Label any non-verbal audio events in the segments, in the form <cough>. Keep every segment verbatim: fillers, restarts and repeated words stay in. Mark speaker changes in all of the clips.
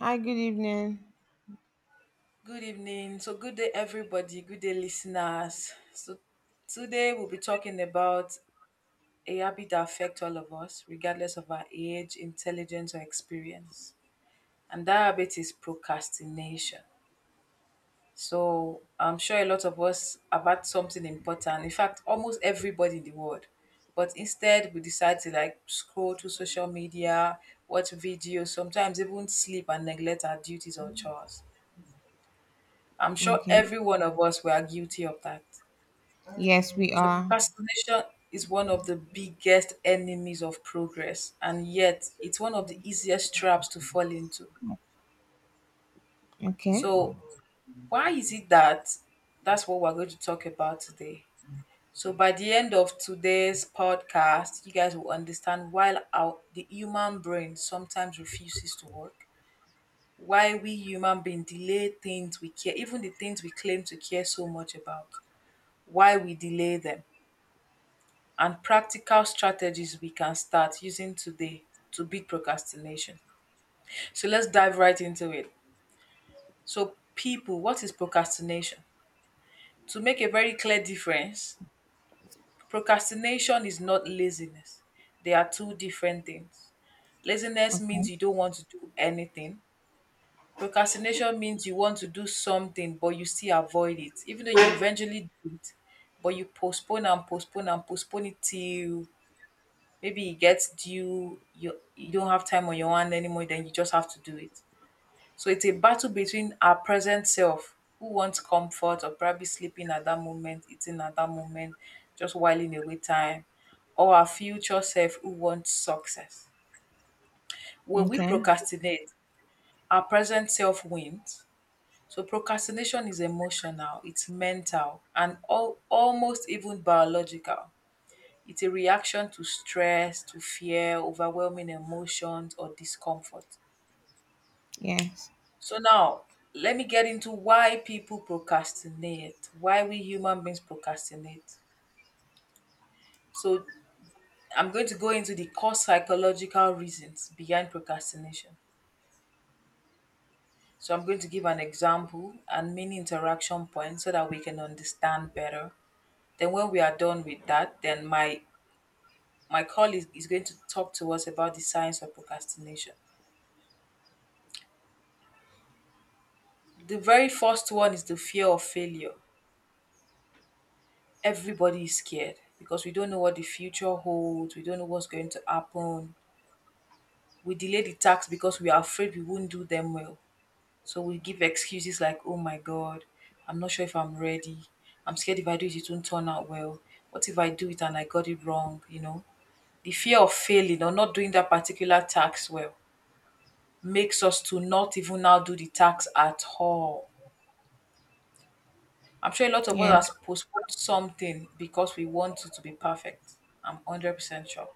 Speaker 1: Hi, good evening.
Speaker 2: Good evening. So, good day, everybody. Good day, listeners. So, today we'll be talking about a habit that affects all of us, regardless of our age, intelligence, or experience. And that habit is procrastination. So, I'm sure a lot of us have had something important. In fact, almost everybody in the world. But instead, we decide to like scroll through social media, watch videos, sometimes even sleep and neglect our duties or chores. I'm sure
Speaker 1: Okay.
Speaker 2: every one of us were guilty of that.
Speaker 1: Yes, we
Speaker 2: So
Speaker 1: are.
Speaker 2: procrastination is one of the biggest enemies of progress, and yet it's one of the easiest traps to fall into.
Speaker 1: Okay.
Speaker 2: So why is it that that's what we're going to talk about today? So by the end of today's podcast, you guys will understand why our the human brain sometimes refuses to work, why we human beings delay things we care, even the things we claim to care so much about, why we delay them and practical strategies we can start using today to beat procrastination. So let's dive right into it. So, people, what is procrastination? To make a very clear difference, procrastination is not laziness. They are two different things. Laziness
Speaker 1: Okay.
Speaker 2: means you don't want to do anything. Procrastination means you want to do something, but you still avoid it, even though you eventually do it, but you postpone and postpone and postpone it till maybe it gets due, you you don't have time on your hand anymore, then you just have to do it. So it's a battle between our present self, who wants comfort or probably sleeping at that moment, eating at that moment, just whiling away time, or our future self who wants success. When we
Speaker 1: Okay.
Speaker 2: procrastinate, our present self wins. So procrastination is emotional, it's mental, and all, almost even biological. It's a reaction to stress, to fear, overwhelming emotions, or discomfort.
Speaker 1: Yes.
Speaker 2: So now, let me get into why people procrastinate, why we human beings procrastinate. So I'm going to go into the core psychological reasons behind procrastination. So I'm going to give an example and many interaction points so that we can understand better. Then when we are done with that, then my my colleague is going to talk to us about the science of procrastination. The very first one is the fear of failure. Everybody is scared because we don't know what the future holds, we don't know what's going to happen. We delay the tax because we are afraid we won't do them well. So we give excuses like, oh my God, I'm not sure if I'm ready. I'm scared if I do it, it won't turn out well. What if I do it and I got it wrong? You know, the fear of failing or not doing that particular tax well makes us to not even now do the tax at all. I'm sure a lot of
Speaker 1: Yes.
Speaker 2: us has postponed something because we want it to be perfect. I'm one hundred percent sure.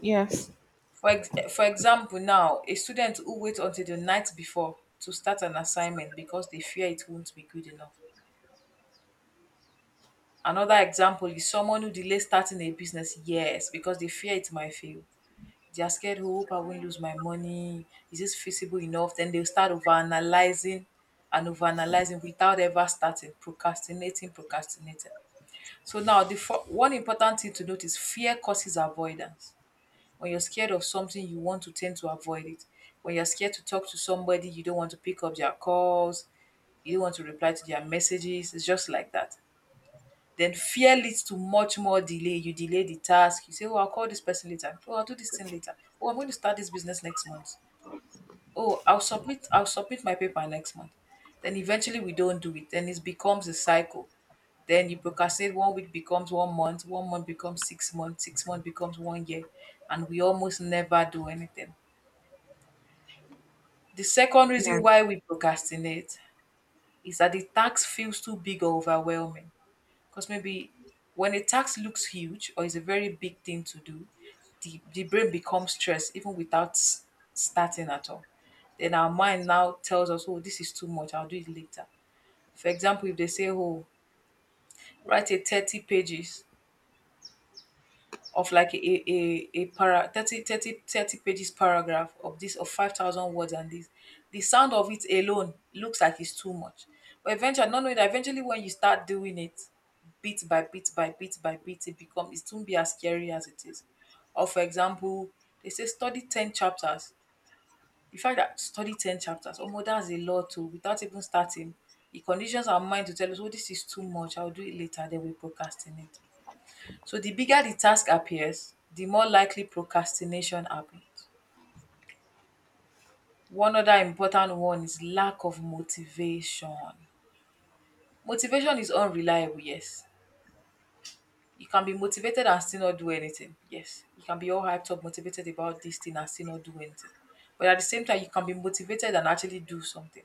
Speaker 1: Yes.
Speaker 2: For, ex- for example, now, a student who waits until the night before to start an assignment because they fear it won't be good enough. Another example is someone who delays starting a business years because they fear it might fail. They are scared, oh, hope I won't lose my money. Is this feasible enough? Then they'll start overanalyzing and overanalyzing without ever starting, procrastinating, procrastinating. So now, the fir- one important thing to note is fear causes avoidance. When you're scared of something, you want to tend to avoid it. When you're scared to talk to somebody, you don't want to pick up their calls, you don't want to reply to their messages. It's just like that. Then fear leads to much more delay. You delay the task. You say, oh, I'll call this person later. Oh, I'll do this thing later. Oh, I'm going to start this business next month. Oh, I'll submit I'll submit my paper next month. Then eventually we don't do it. Then it becomes a cycle. Then you procrastinate one week becomes one month, one month becomes six months, six months becomes one year, and we almost never do anything. The second reason
Speaker 1: Yes.
Speaker 2: why we procrastinate is that the task feels too big or overwhelming. Because maybe when a task looks huge or is a very big thing to do, the, the brain becomes stressed even without s- starting at all. Then our mind now tells us, oh, this is too much, I'll do it later. For example, if they say, oh, write a thirty pages of like a a a para thirty thirty thirty pages paragraph of this of five thousand words, and this, the sound of it alone looks like it's too much. But eventually, not knowing that, eventually when you start doing it bit by bit by bit by bit, it becomes it won't be as scary as it is. Or for example, they say study ten chapters. The fact that study ten chapters, oh, that's a lot too, without even starting, it conditions our mind to tell us, oh, this is too much, I'll do it later. Then we procrastinate. So the bigger the task appears, the more likely procrastination happens. One other important one is lack of motivation. Motivation is unreliable, yes. You can be motivated and still not do anything. Yes. You can be all hyped up, motivated about this thing and still not do anything. But at the same time, you can be motivated and actually do something.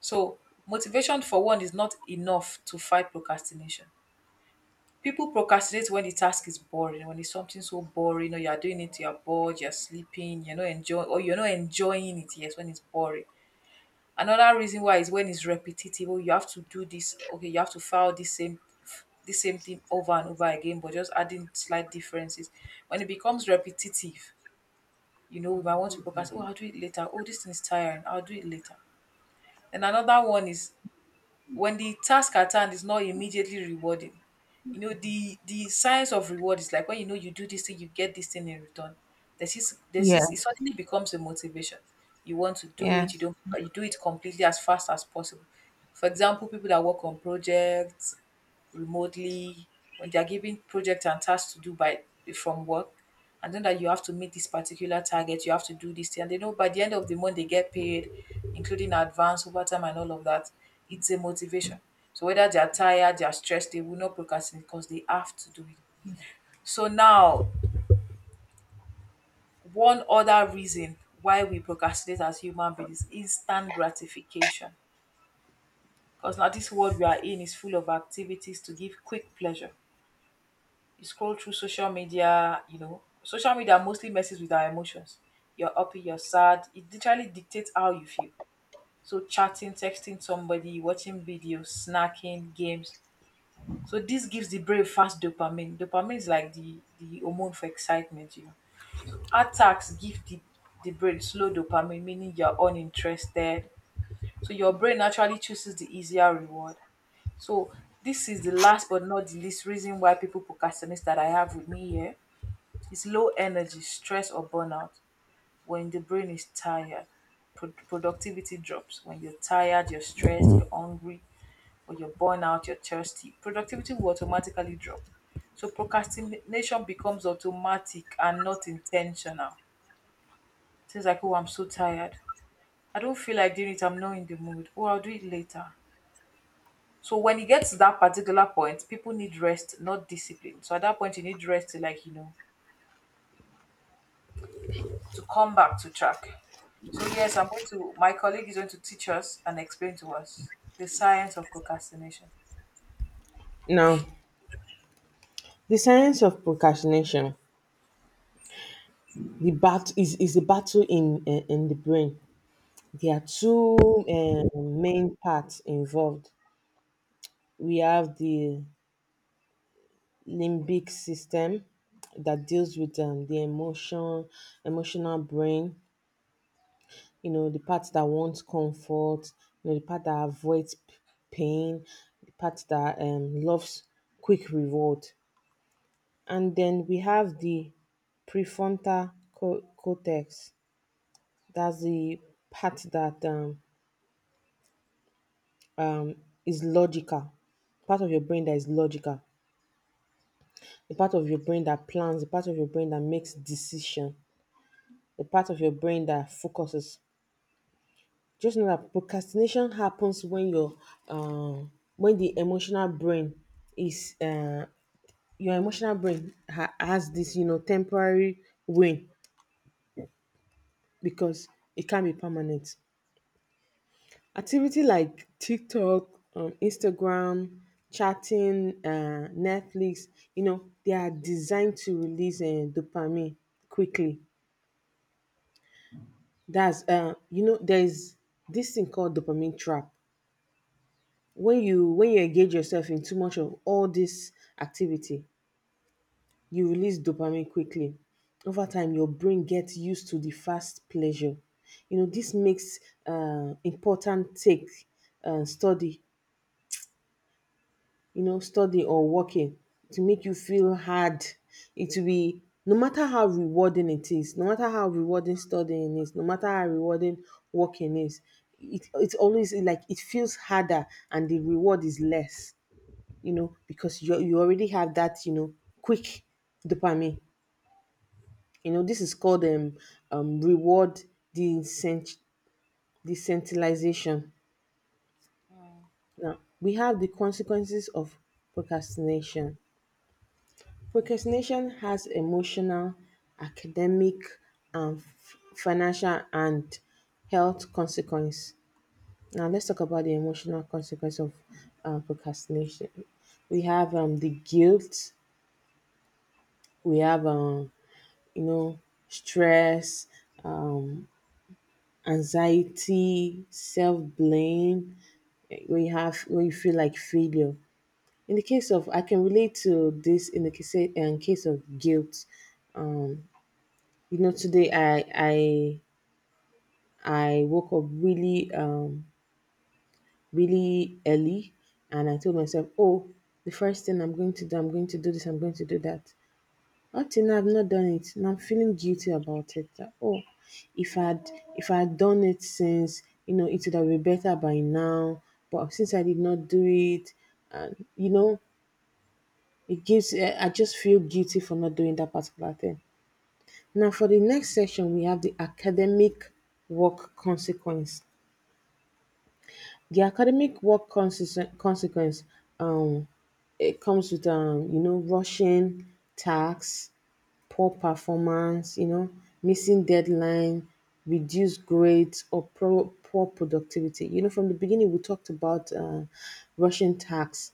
Speaker 2: So motivation for one is not enough to fight procrastination. People procrastinate when the task is boring, when it's something so boring, or you're doing it, you're bored, you're sleeping, you're not enjoying, or you're not enjoying it. Yes, when it's boring. Another reason why is when it's repetitive. Oh, you have to do this. Okay, you have to file this same this same thing over and over again, but just adding slight differences. When it becomes repetitive, you know, we might want to procrastinate. Oh, I'll do it later. Oh, this thing is tiring. I'll do it later. And another one is when the task at hand is not immediately rewarding. You know, the the science of reward is like when you know you do this thing, you get this thing in return. There's this there's this It
Speaker 1: Yes.
Speaker 2: suddenly becomes a motivation. You want to do it, you
Speaker 1: Yes.
Speaker 2: don't you do it completely as fast as possible. For example, people that work on projects, remotely, when they are given projects and tasks to do by from work, and then that you have to meet this particular target, you have to do this thing. And they know by the end of the month they get paid, including advance, overtime, and all of that. It's a motivation. So whether they are tired, they are stressed, they will not procrastinate because they have to do it. So now, one other reason why we procrastinate as human beings is instant gratification. Because now this world we are in is full of activities to give quick pleasure. You scroll through social media, you know, social media mostly messes with our emotions. You're happy, you're sad. It literally dictates how you feel. So chatting, texting somebody, watching videos, snacking, games. So this gives the brain fast dopamine. Dopamine is like the, the hormone for excitement, you know. Attacks give the, the brain slow dopamine, meaning you're uninterested. So your brain naturally chooses the easier reward. So this is the last but not the least reason why people procrastinate that I have with me here. It's low energy, stress or burnout. When the brain is tired, pro- productivity drops. When you're tired, you're stressed, you're hungry, or you're burnout, you're thirsty, productivity will automatically drop. So procrastination becomes automatic and not intentional. Things like, oh, I'm so tired. I don't feel like doing it. I'm not in the mood. Oh, I'll do it later. So when you get to that particular point, people need rest, not discipline. So at that point, you need rest to like, you know, to come back to track. So yes, I'm going to. My colleague is going to teach us and explain to us the science of procrastination.
Speaker 1: Now, the science of procrastination, the bat is, is a battle in uh, in the brain. There are two uh, main parts involved. We have the limbic system that deals with um, the emotion, emotional brain, you know, the part that wants comfort, you know, the part that avoids p- pain, the part that um, loves quick reward. And then we have the prefrontal co- cortex. That's the part that um, um, is logical, part of your brain that is logical, the part of your brain that plans, the part of your brain that makes decision, the part of your brain that focuses. Just know that procrastination happens when your um when the emotional brain is uh your emotional brain ha- has this you know temporary win, because it can be permanent. Activity like TikTok, um, Instagram, chatting, uh, Netflix, you know, they are designed to release uh, dopamine quickly. That's uh, you know, there's this thing called dopamine trap. When you when you engage yourself in too much of all this activity, you release dopamine quickly. Over time, your brain gets used to the fast pleasure. You know this makes uh, important take uh, study, you know study or working, to make you feel hard. It will be, no matter how rewarding it is, no matter how rewarding studying is, no matter how rewarding working is, it, it's always like it feels harder, and the reward is less, you know, because you you already have that you know, quick dopamine. You know, this is called um, um reward decent- decentralization. Now we have the consequences of procrastination. Procrastination has emotional, academic, and f- financial and health consequence. Now, let's talk about the emotional consequence of uh, procrastination. We have um, the guilt. We have um, you know, stress, um, anxiety, self blame, when you have when you feel like failure. In the case of, I can relate to this, in the case in case of guilt. Um, you know, today I I I woke up really um really early, and I told myself, oh, the first thing I'm going to do, I'm going to do this, I'm going to do that. Up till now, I've not done it, and I'm feeling guilty about it. That, oh, if I'd if I'd done it since, you know, it would have been better by now. But since I did not do it, and you know, it gives. Eh, I just feel guilty for not doing that particular thing. Now, for the next section, we have the academic work consequence. The academic work consequence consequence um it comes with, um you know rushing tax, poor performance, you know, missing deadline, reduced grades, or pro- poor productivity. You know, from the beginning, we talked about uh, rushing tasks,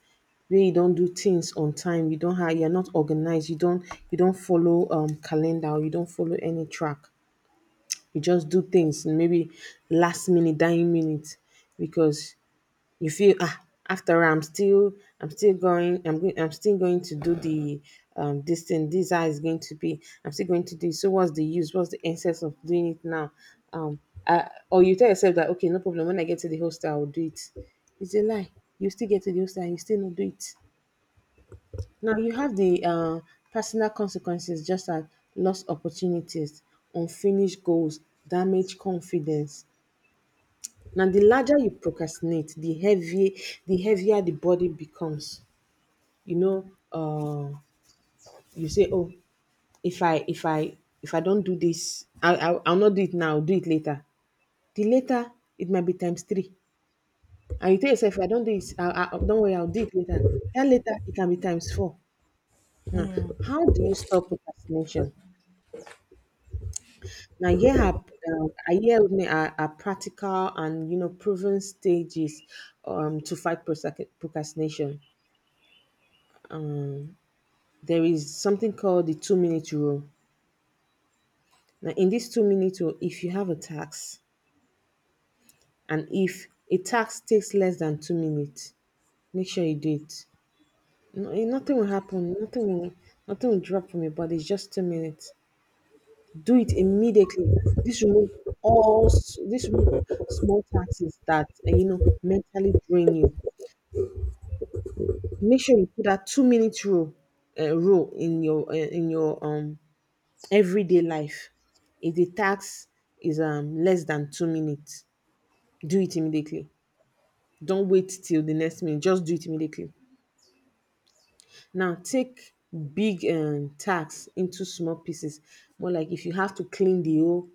Speaker 1: where you don't do things on time, you don't have you're not organized, you don't you don't follow um calendar, or you don't follow any track. You just do things maybe last minute, dying minute, because you feel, ah, after all, I'm still I'm still going i'm going I'm still going to do the um this thing. This is how it's going to be. I'm still going to do it, so what's the use what's the essence of doing it now? Um I, or you tell yourself that, okay, no problem, when I get to the hostel, I'll do it. It's a lie. You still get to the hostel and you still not do it. Now you have the uh, personal consequences, just as lost opportunities, unfinished goals, damaged confidence. Now, the larger you procrastinate, the heavier the heavier the body becomes. You know, uh, you say, "Oh, if I if I if I don't do this, I, I I'll not do it now. I'll do it later." The later, it might be times three, and you tell yourself, "If I don't do it, I, I, don't worry, I'll do it later." That later, it can be times four. Now, how do you stop procrastination? Now, here are uh, here with me are, are practical and you know proven stages, um, to fight prosac- procrastination. There is something called the two minute rule. Now, in this two minute rule, if you have a tax, and if a tax takes less than two minutes, make sure you do it. No, eh, nothing will happen. Nothing will, nothing will drop from your body. It's just two minutes. Do it immediately. This remove all s- this remove small taxes that eh, you know mentally drain you. Make sure you put that two minute rule uh, rule in your eh, in your um everyday life. If the task is, um, less than two minutes, do it immediately. Don't wait till the next minute. Just do it immediately. Now, take big um, tasks into small pieces. More like, if you have to clean the whole,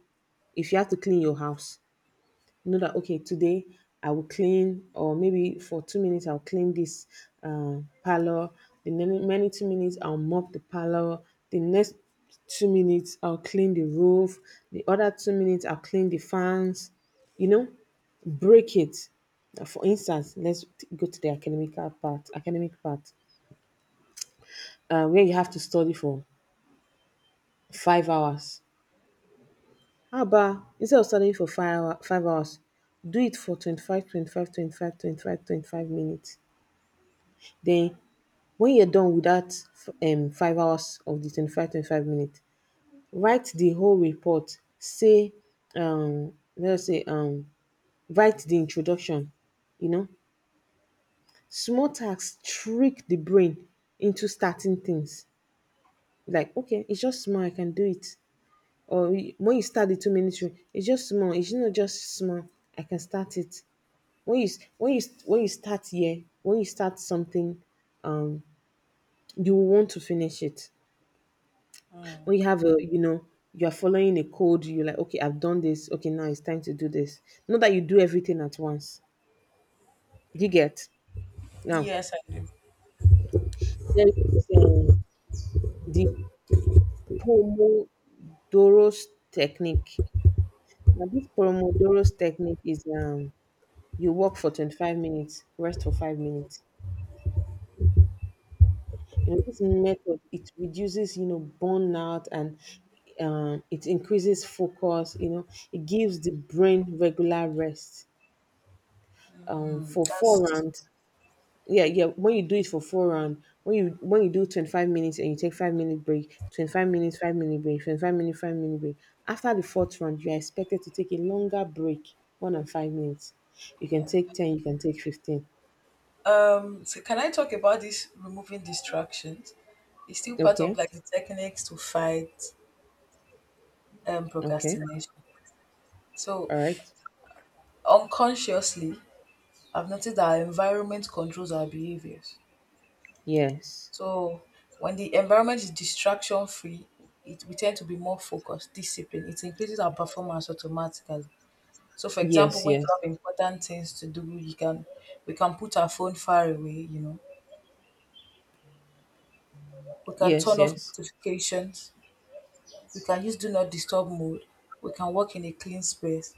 Speaker 1: if you have to clean your house, know that, okay, today I will clean, or maybe for two minutes I'll clean this uh, parlor. The many, many two minutes, I'll mop the parlor. The next two minutes, I'll clean the roof. The other two minutes, I'll clean the fans. You know, break it. Uh, for instance, let's t- go to the academical part academic part, uh, where you have to study for five hours. How about, instead of studying for five, hour, five hours, do it for twenty-five, twenty-five, twenty-five, twenty-five, twenty-five minutes. Then when you're done with that, um five hours of the 25 25 minutes, write the whole report. Say um let's say um write the introduction, you know. Small tasks trick the brain into starting things. Like, okay, it's just small, I can do it. Or you- when you start the two minutes, it's just small, it's not just small, I can start it. When you s- when you s- when you start here, when you start something, um, you want to finish it. When you have a, you know you're following a code, you're like, okay, I've done this, okay, now it's time to do this. Not that you do everything at once. Do you get? Now,
Speaker 2: Yes, I, yeah, do.
Speaker 1: there is, um, the pomodoro's technique. Now, this pomodoro's technique is, um you work for twenty-five minutes, rest for five minutes. You know this method, it reduces you know burnout, and, um, it increases focus. You know it gives the brain regular rest, um,
Speaker 2: Mm,
Speaker 1: for four
Speaker 2: that's,
Speaker 1: rounds. Yeah, yeah, when you do it for four round, when you when you do twenty-five minutes and you take five minute break, twenty-five minutes, five minute break, twenty-five minute, five minute break. After the fourth round, you are expected to take a longer break, one and five minutes. You can take
Speaker 2: yeah.
Speaker 1: ten, you can take fifteen.
Speaker 2: Um, so can I talk about this removing distractions? It's still part of
Speaker 1: Okay,
Speaker 2: like the techniques to fight um
Speaker 1: okay,
Speaker 2: procrastination. So
Speaker 1: all right.
Speaker 2: unconsciously, I've noticed that our environment controls our behaviors.
Speaker 1: Yes,
Speaker 2: So when the environment is distraction free, it we tend to be more focused, disciplined. It increases our performance automatically. So for example,
Speaker 1: yes,
Speaker 2: when
Speaker 1: yes,
Speaker 2: you have important things to do, you can we can put our phone far away, you know. We can
Speaker 1: yes,
Speaker 2: turn off
Speaker 1: yes.
Speaker 2: notifications. We can use do not disturb mode. We can work in a clean space.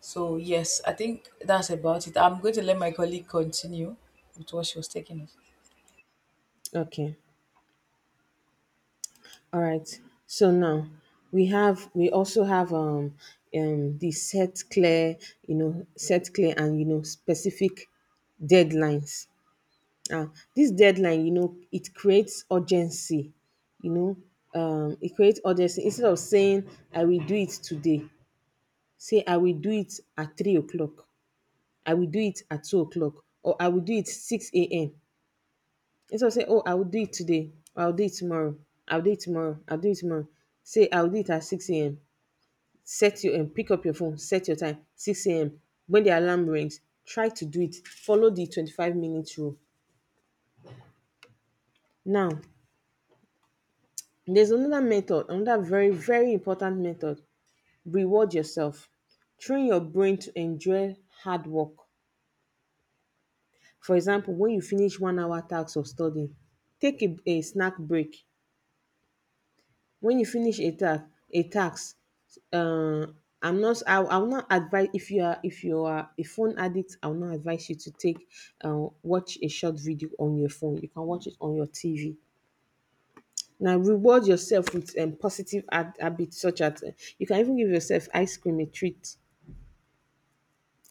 Speaker 2: So yes, I think that's about it. I'm going to let my colleague continue with what she was taking us.
Speaker 1: Okay, all right, so now, we have we also have, um um the set clear you know set clear and, you know specific deadlines. Um this deadline, you know it creates urgency. you know um it creates urgency instead of saying, "I will do it today," say, "I will do it at three o'clock, I will do it at two o'clock, or I will do it six a m." Instead of saying, "Oh, I will do it today," or, "I'll do it tomorrow, I'll do it tomorrow, I'll do it tomorrow," say, "I'll do it at six a m." set your um, Pick up your phone, set your time six a m. When the alarm rings, try to do it. Follow the twenty-five minute rule. Now, there's another method, another very, very important method. Reward yourself. Train your brain to enjoy hard work. For example, when you finish one hour task of studying, take a, a snack break. When you finish a task, a task, uh, I'm not. I, I will not advise, if you are if you are a phone addict. I will not advise you to take, uh, watch a short video on your phone. You can watch it on your T V. Now, reward yourself with, um, positive ha- habits, such as, uh, you can even give yourself ice cream, a treat.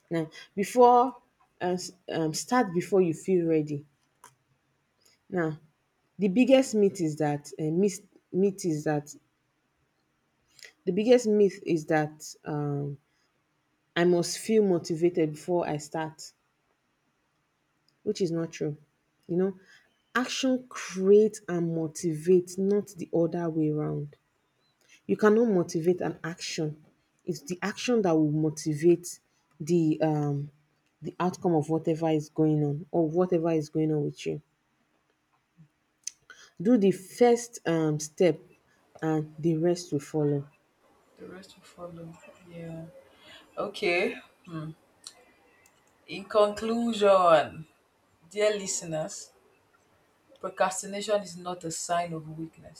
Speaker 1: Now, before, uh, s- um, start before you feel ready. Now, the biggest myth is that uh, myth, myth is that the biggest myth is that, um, I must feel motivated before I start, which is not true. You know, action creates and motivates, not the other way around. You cannot motivate an action. It's the action that will motivate the um the outcome of whatever is going on, or whatever is going on with you. Do the first um step, and the rest will follow.
Speaker 2: The rest will follow. Yeah. Okay. Hmm. In conclusion, dear listeners, procrastination is not a sign of weakness.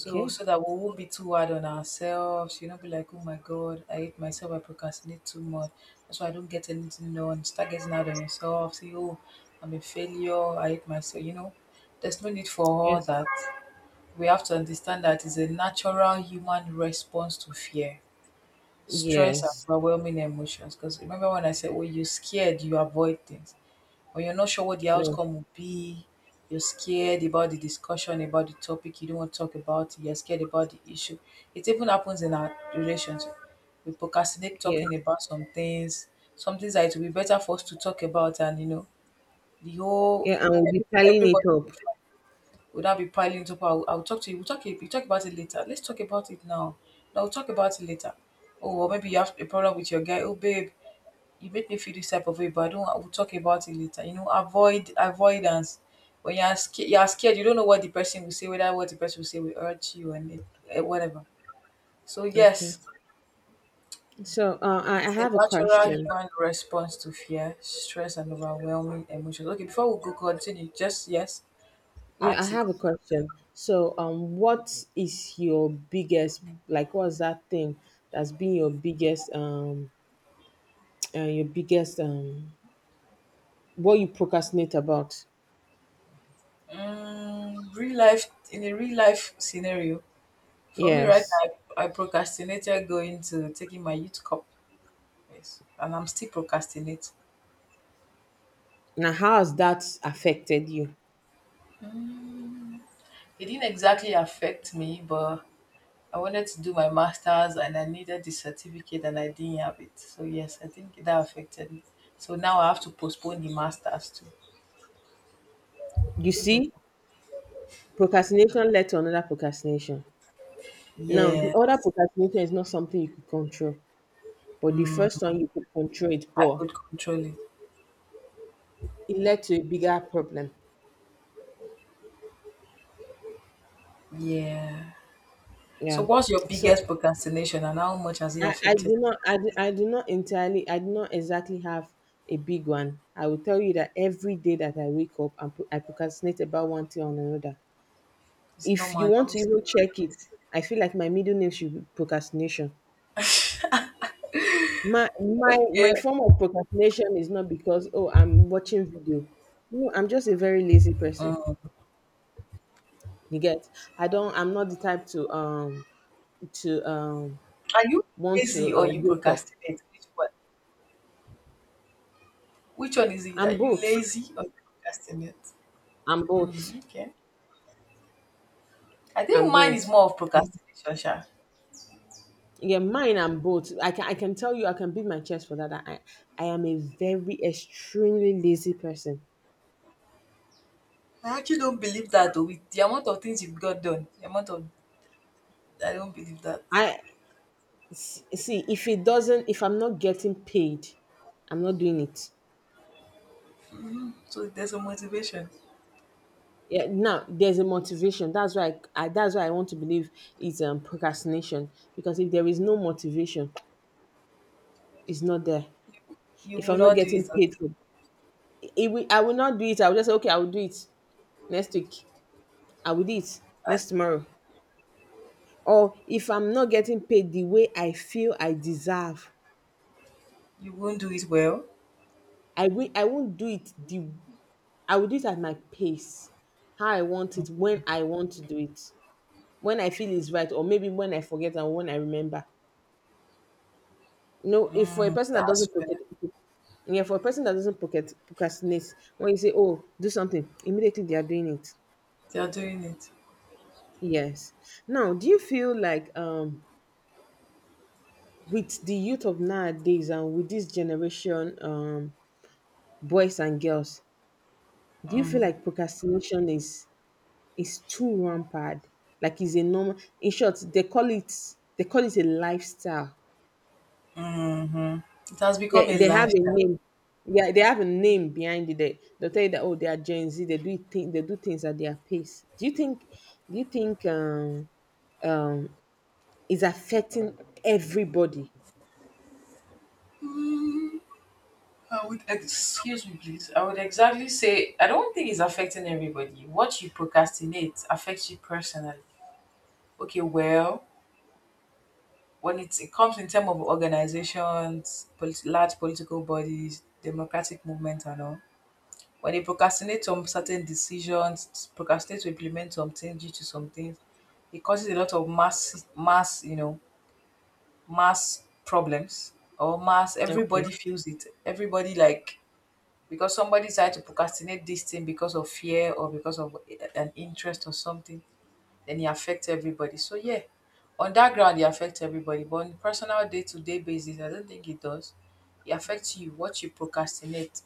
Speaker 2: So, so that we won't be too hard on ourselves, you know, be like, oh my God, I hate myself, I procrastinate too much. That's why I don't get anything done. Start getting out on yourself, say, oh, I'm a failure, I hate myself, you know. There's no need for all
Speaker 1: Yes.
Speaker 2: that. We have to understand that it's a natural human response to fear. Stress and
Speaker 1: Yes.
Speaker 2: overwhelming emotions. Because remember when I said when you're scared, you avoid things. When you're not sure what the
Speaker 1: Yes.
Speaker 2: outcome will be, you're scared about the discussion, about the topic, you don't want to talk about it, you're scared about the issue. It even happens in our relationship. We procrastinate
Speaker 1: Yes.
Speaker 2: talking about some things, some things that it will be better for us to talk about and you know, the whole
Speaker 1: Yeah, and we'll be
Speaker 2: every,
Speaker 1: piling it
Speaker 2: everybody
Speaker 1: up.
Speaker 2: would that be piling up? I'll, I'll talk to you. We'll talk, we'll talk about it later. Let's talk about it now. No, we'll talk about it later. Oh, or maybe you have a problem with your guy. Oh, babe, you make me feel this type of way, but I don't. We'll talk about it later. You know, avoid avoidance. When you are scared, you are scared. You don't know what the person will say, whether what the person will say will hurt you and it, eh, whatever. So
Speaker 1: Okay.
Speaker 2: yes,
Speaker 1: So, uh, I I
Speaker 2: it's a
Speaker 1: have a
Speaker 2: natural
Speaker 1: question.
Speaker 2: human response to fear, stress, and overwhelming emotions. Okay, before we go continue, just yes,
Speaker 1: You know, I
Speaker 2: ask a
Speaker 1: have a
Speaker 2: question.
Speaker 1: question. So, um, what is your biggest, like, what's that thing that's been your biggest, um, <tsk> uh, your biggest, um, what you procrastinate about?
Speaker 2: Um, real life in a real life scenario, for me right
Speaker 1: Yes.
Speaker 2: now, I, I procrastinated going to taking my youth cup, yes, and I'm still procrastinating.
Speaker 1: Now, how has that affected you?
Speaker 2: It didn't exactly affect me, but I wanted to do my masters and I needed the certificate and I didn't have it. So yes, I think that affected me. So now I have to postpone the masters too.
Speaker 1: You
Speaker 2: So
Speaker 1: see, procrastination led to another procrastination. Now, the
Speaker 2: yeah,
Speaker 1: other procrastination is not something you could control, but the first one you could control it,
Speaker 2: I
Speaker 1: but
Speaker 2: could control it.
Speaker 1: it led to a bigger problem.
Speaker 2: Yeah. So
Speaker 1: Yeah.
Speaker 2: what's your
Speaker 1: So,
Speaker 2: biggest procrastination and how much has it
Speaker 1: I, I
Speaker 2: affected?
Speaker 1: do not I do, I do not entirely I do not exactly have a big one. I will tell you that every day that I wake up and I procrastinate about one thing or another.
Speaker 2: It's
Speaker 1: If you
Speaker 2: normal
Speaker 1: want
Speaker 2: now.
Speaker 1: to even check it, I feel like my middle name should be procrastination. My my
Speaker 2: Okay.
Speaker 1: my form of procrastination is not because oh I'm watching video. No, I'm just a very lazy person. You get? I don't. I'm not the type to um to um
Speaker 2: Are you
Speaker 1: want
Speaker 2: lazy
Speaker 1: to
Speaker 2: or
Speaker 1: um,
Speaker 2: you
Speaker 1: wake up.
Speaker 2: procrastinate? Which one? Which one is it? Are
Speaker 1: I'm
Speaker 2: you
Speaker 1: both.
Speaker 2: lazy or you procrastinate?
Speaker 1: I'm both.
Speaker 2: Okay. I think
Speaker 1: I'm
Speaker 2: mine is
Speaker 1: both.
Speaker 2: more of procrastination, Sha.
Speaker 1: Yeah, mine and both. I can I can tell you I can beat my chest for that. I I am a very extremely lazy person.
Speaker 2: I actually don't believe that though. With the amount of things you've got done, the amount of I don't believe that.
Speaker 1: I s- see if it doesn't if I'm not getting paid, I'm not doing it.
Speaker 2: So there's a motivation.
Speaker 1: Yeah, now there's a motivation. That's why I, I that's why I want to believe it's um procrastination because if there is no motivation, it's not there.
Speaker 2: You, you
Speaker 1: If
Speaker 2: will
Speaker 1: I'm not
Speaker 2: not do
Speaker 1: getting
Speaker 2: it. At-
Speaker 1: paid for it, will, I will not do it. I will just say okay, I will do it next week. I will do it next tomorrow. Or if I'm not getting paid the way I feel I deserve,
Speaker 2: You won't do it well.
Speaker 1: i will I won't do it the i will do it at my pace, how I want it, when I want to do it, when I feel is right, or maybe when I forget and when I remember. You know, if for a
Speaker 2: Mm,
Speaker 1: person that
Speaker 2: that's
Speaker 1: doesn't
Speaker 2: fair.
Speaker 1: procrastinate, yeah, for a person that doesn't procrast- procrastinate, when you say oh do something immediately, they are doing it.
Speaker 2: They are doing it.
Speaker 1: Yes. Now, do you feel like um with the youth of nowadays and with this generation, um boys and girls, do you feel like procrastination is is too rampant? Like is a normal, in short, they call it they call it a lifestyle.
Speaker 2: Hmm. It has
Speaker 1: They
Speaker 2: become a
Speaker 1: they have a
Speaker 2: lifestyle.
Speaker 1: name. Yeah, they have a name behind it. They they tell you that oh they are Gen Z, they do think they do things at their pace. Do you think do you think um um is affecting everybody?
Speaker 2: I would excuse me, please. I would exactly say I don't think it's affecting everybody. What you procrastinate affects you personally. Okay, well, when it's, it comes in terms of organizations, polit- large political bodies, democratic movement, and all, when they procrastinate on certain decisions, procrastinate to implement something due to some things, it causes a lot of mass, mass, you know, mass problems or mass.
Speaker 1: Okay.
Speaker 2: Everybody feels it. Everybody like because somebody tried to procrastinate this thing because of fear or because of an interest or something, then it affects everybody. So yeah, on that ground it affects everybody. But on personal day to day basis, I don't think it does. It affects you. What you procrastinate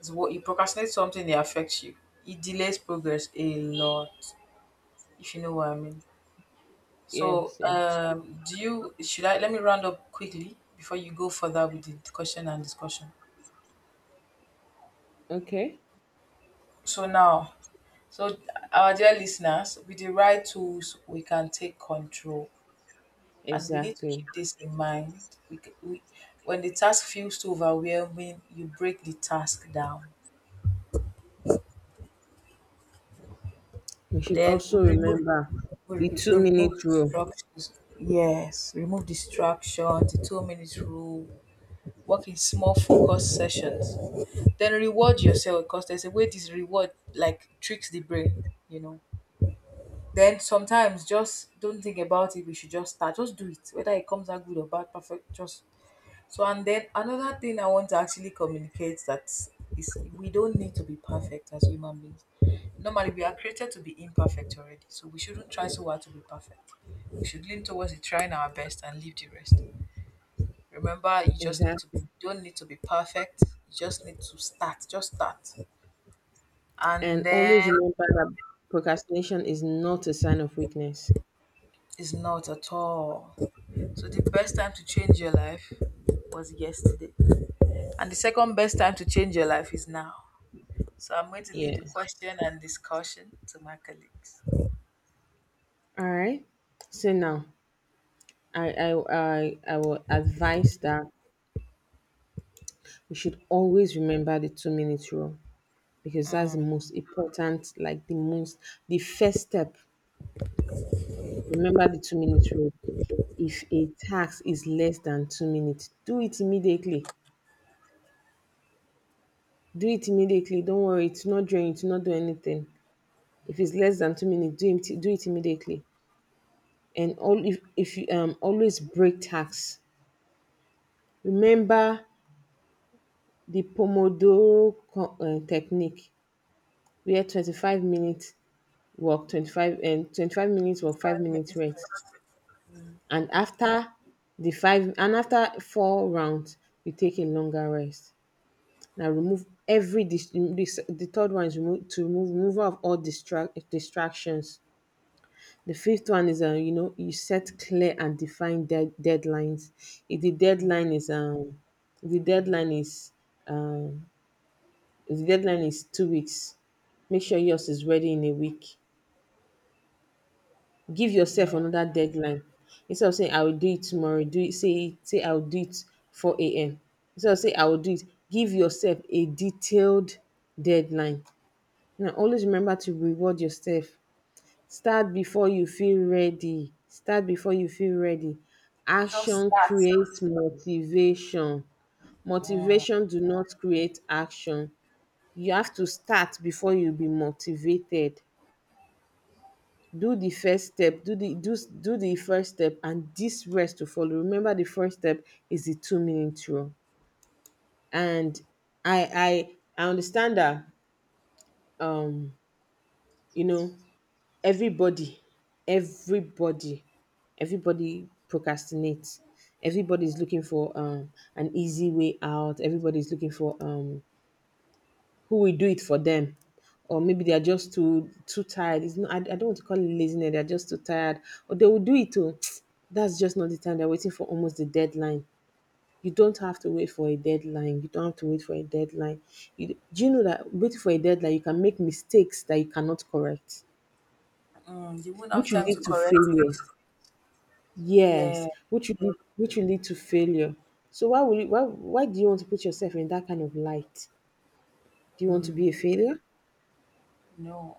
Speaker 2: is what you procrastinate something it affects you. It delays progress a lot, if you know what I mean. So
Speaker 1: Yes, yeah.
Speaker 2: um do you should I let me round up quickly before you go further with the question and discussion.
Speaker 1: Okay.
Speaker 2: So now, so our dear listeners, with the right tools, we can take control, and we need to
Speaker 1: Exactly.
Speaker 2: keep this in mind. We, c- we, when the task feels too overwhelming, you break the task down.
Speaker 1: We should
Speaker 2: Then we
Speaker 1: also
Speaker 2: remove,
Speaker 1: remember
Speaker 2: we,
Speaker 1: the
Speaker 2: we
Speaker 1: two
Speaker 2: remove
Speaker 1: minute rule.
Speaker 2: distractions. Yes, remove distractions. The two minutes rule. Work in small focus sessions. Then reward yourself because there's a way this reward like tricks the brain. You know then sometimes just don't think about it. We should just start. Just do it. Whether it comes out good or bad, perfect. Just so and then another thing I want to actually communicate that is we don't need to be perfect as human beings. Normally we are created to be imperfect already. So we shouldn't try so hard to be perfect. We should lean towards it, trying our best and leave the rest. Remember you just need to you
Speaker 1: Exactly.
Speaker 2: don't need to be perfect. You just need to start. Just start. And
Speaker 1: And always
Speaker 2: then
Speaker 1: remember that procrastination is not a sign of weakness.
Speaker 2: it's not at all. So the best time to change your life was yesterday. And the second best time to change your life is now. So I'm going to leave the
Speaker 1: Yes.
Speaker 2: question and discussion to my colleagues.
Speaker 1: All right. So now, I I I, I will advise that we should always remember the two minute rule because that's the most important, like the most the first step. Remember the two minute rule. If a task is less than two minutes, do it immediately. Do it immediately. Don't worry, it's not drain, it's not do anything. If it's less than two minutes, do it, do it immediately. And all if, if you um always break tax, remember the pomodoro co- uh, technique, where twenty-five minutes work twenty-five and twenty-five minutes work five
Speaker 2: Five
Speaker 1: minutes
Speaker 2: minutes
Speaker 1: rest.
Speaker 2: rest.
Speaker 1: And after the five and after four rounds you take a longer rest. Now remove every dis- this the third one is remove to remove, removal of all distract distractions. The fifth one is, uh, you know, you set clear and define dead deadlines. If the deadline is, um, if the deadline is, um, if the deadline is two weeks, make sure yours is ready in a week. Give yourself
Speaker 2: Yeah.
Speaker 1: another deadline. Instead of saying I will do it tomorrow, do it. Say say I will do it four a m. Instead of say I will do it, give yourself a detailed deadline. Now always remember to reward yourself. Start before you feel ready, start before you feel ready.
Speaker 2: Just
Speaker 1: Action
Speaker 2: that.
Speaker 1: creates motivation, motivation do not create action. You have to start before you be motivated. Do the first step, do the do, do the first step and this rest to follow. Remember the first step is the two minute rule. And i i i understand that um you know, everybody everybody everybody procrastinates. Everybody's looking for um an easy way out, everybody's looking for um who will do it for them. Or maybe they are just too too tired. It's not I, I don't want to call it laziness, they're just too tired. Or they will do it too. <tsk> That's just not the time, they're waiting for almost the deadline. You don't have to wait for a deadline you don't have to wait for a deadline. You, do you know that waiting for a deadline you can make mistakes that you cannot correct,
Speaker 2: Mm, you won't have
Speaker 1: which will
Speaker 2: time to
Speaker 1: lead to
Speaker 2: correct
Speaker 1: failure?
Speaker 2: mistakes. Yeah.
Speaker 1: Yes, which will lead, which will lead to failure. So why will you, why why do you want to put yourself in that kind of light? Do you want to
Speaker 2: Mm,
Speaker 1: be a failure?
Speaker 2: no.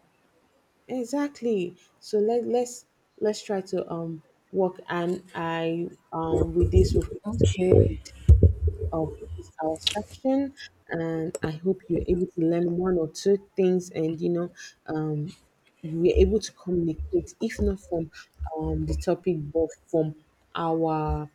Speaker 1: Exactly. So let let's let's try to um work, and I um with this we've come to the
Speaker 2: Okay.
Speaker 1: end of this, our section, and I hope you're able to learn one or two things, and you know um we're able to communicate if not from um the topic but from our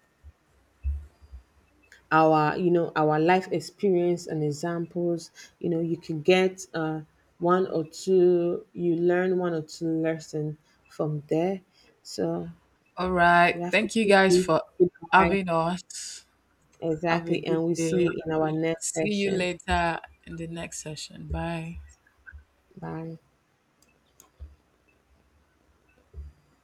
Speaker 1: our you know our life experience and examples, you know you can get uh, one or two you learn one or two lesson from there. So
Speaker 2: All
Speaker 1: we
Speaker 2: right.
Speaker 1: have to
Speaker 2: Thank you
Speaker 1: keep
Speaker 2: guys
Speaker 1: it, keep
Speaker 2: for
Speaker 1: it high.
Speaker 2: having us. Have a
Speaker 1: Exactly,
Speaker 2: good
Speaker 1: and we see you
Speaker 2: day.
Speaker 1: in our next
Speaker 2: See you
Speaker 1: section.
Speaker 2: later in the next session. Bye.
Speaker 1: Bye.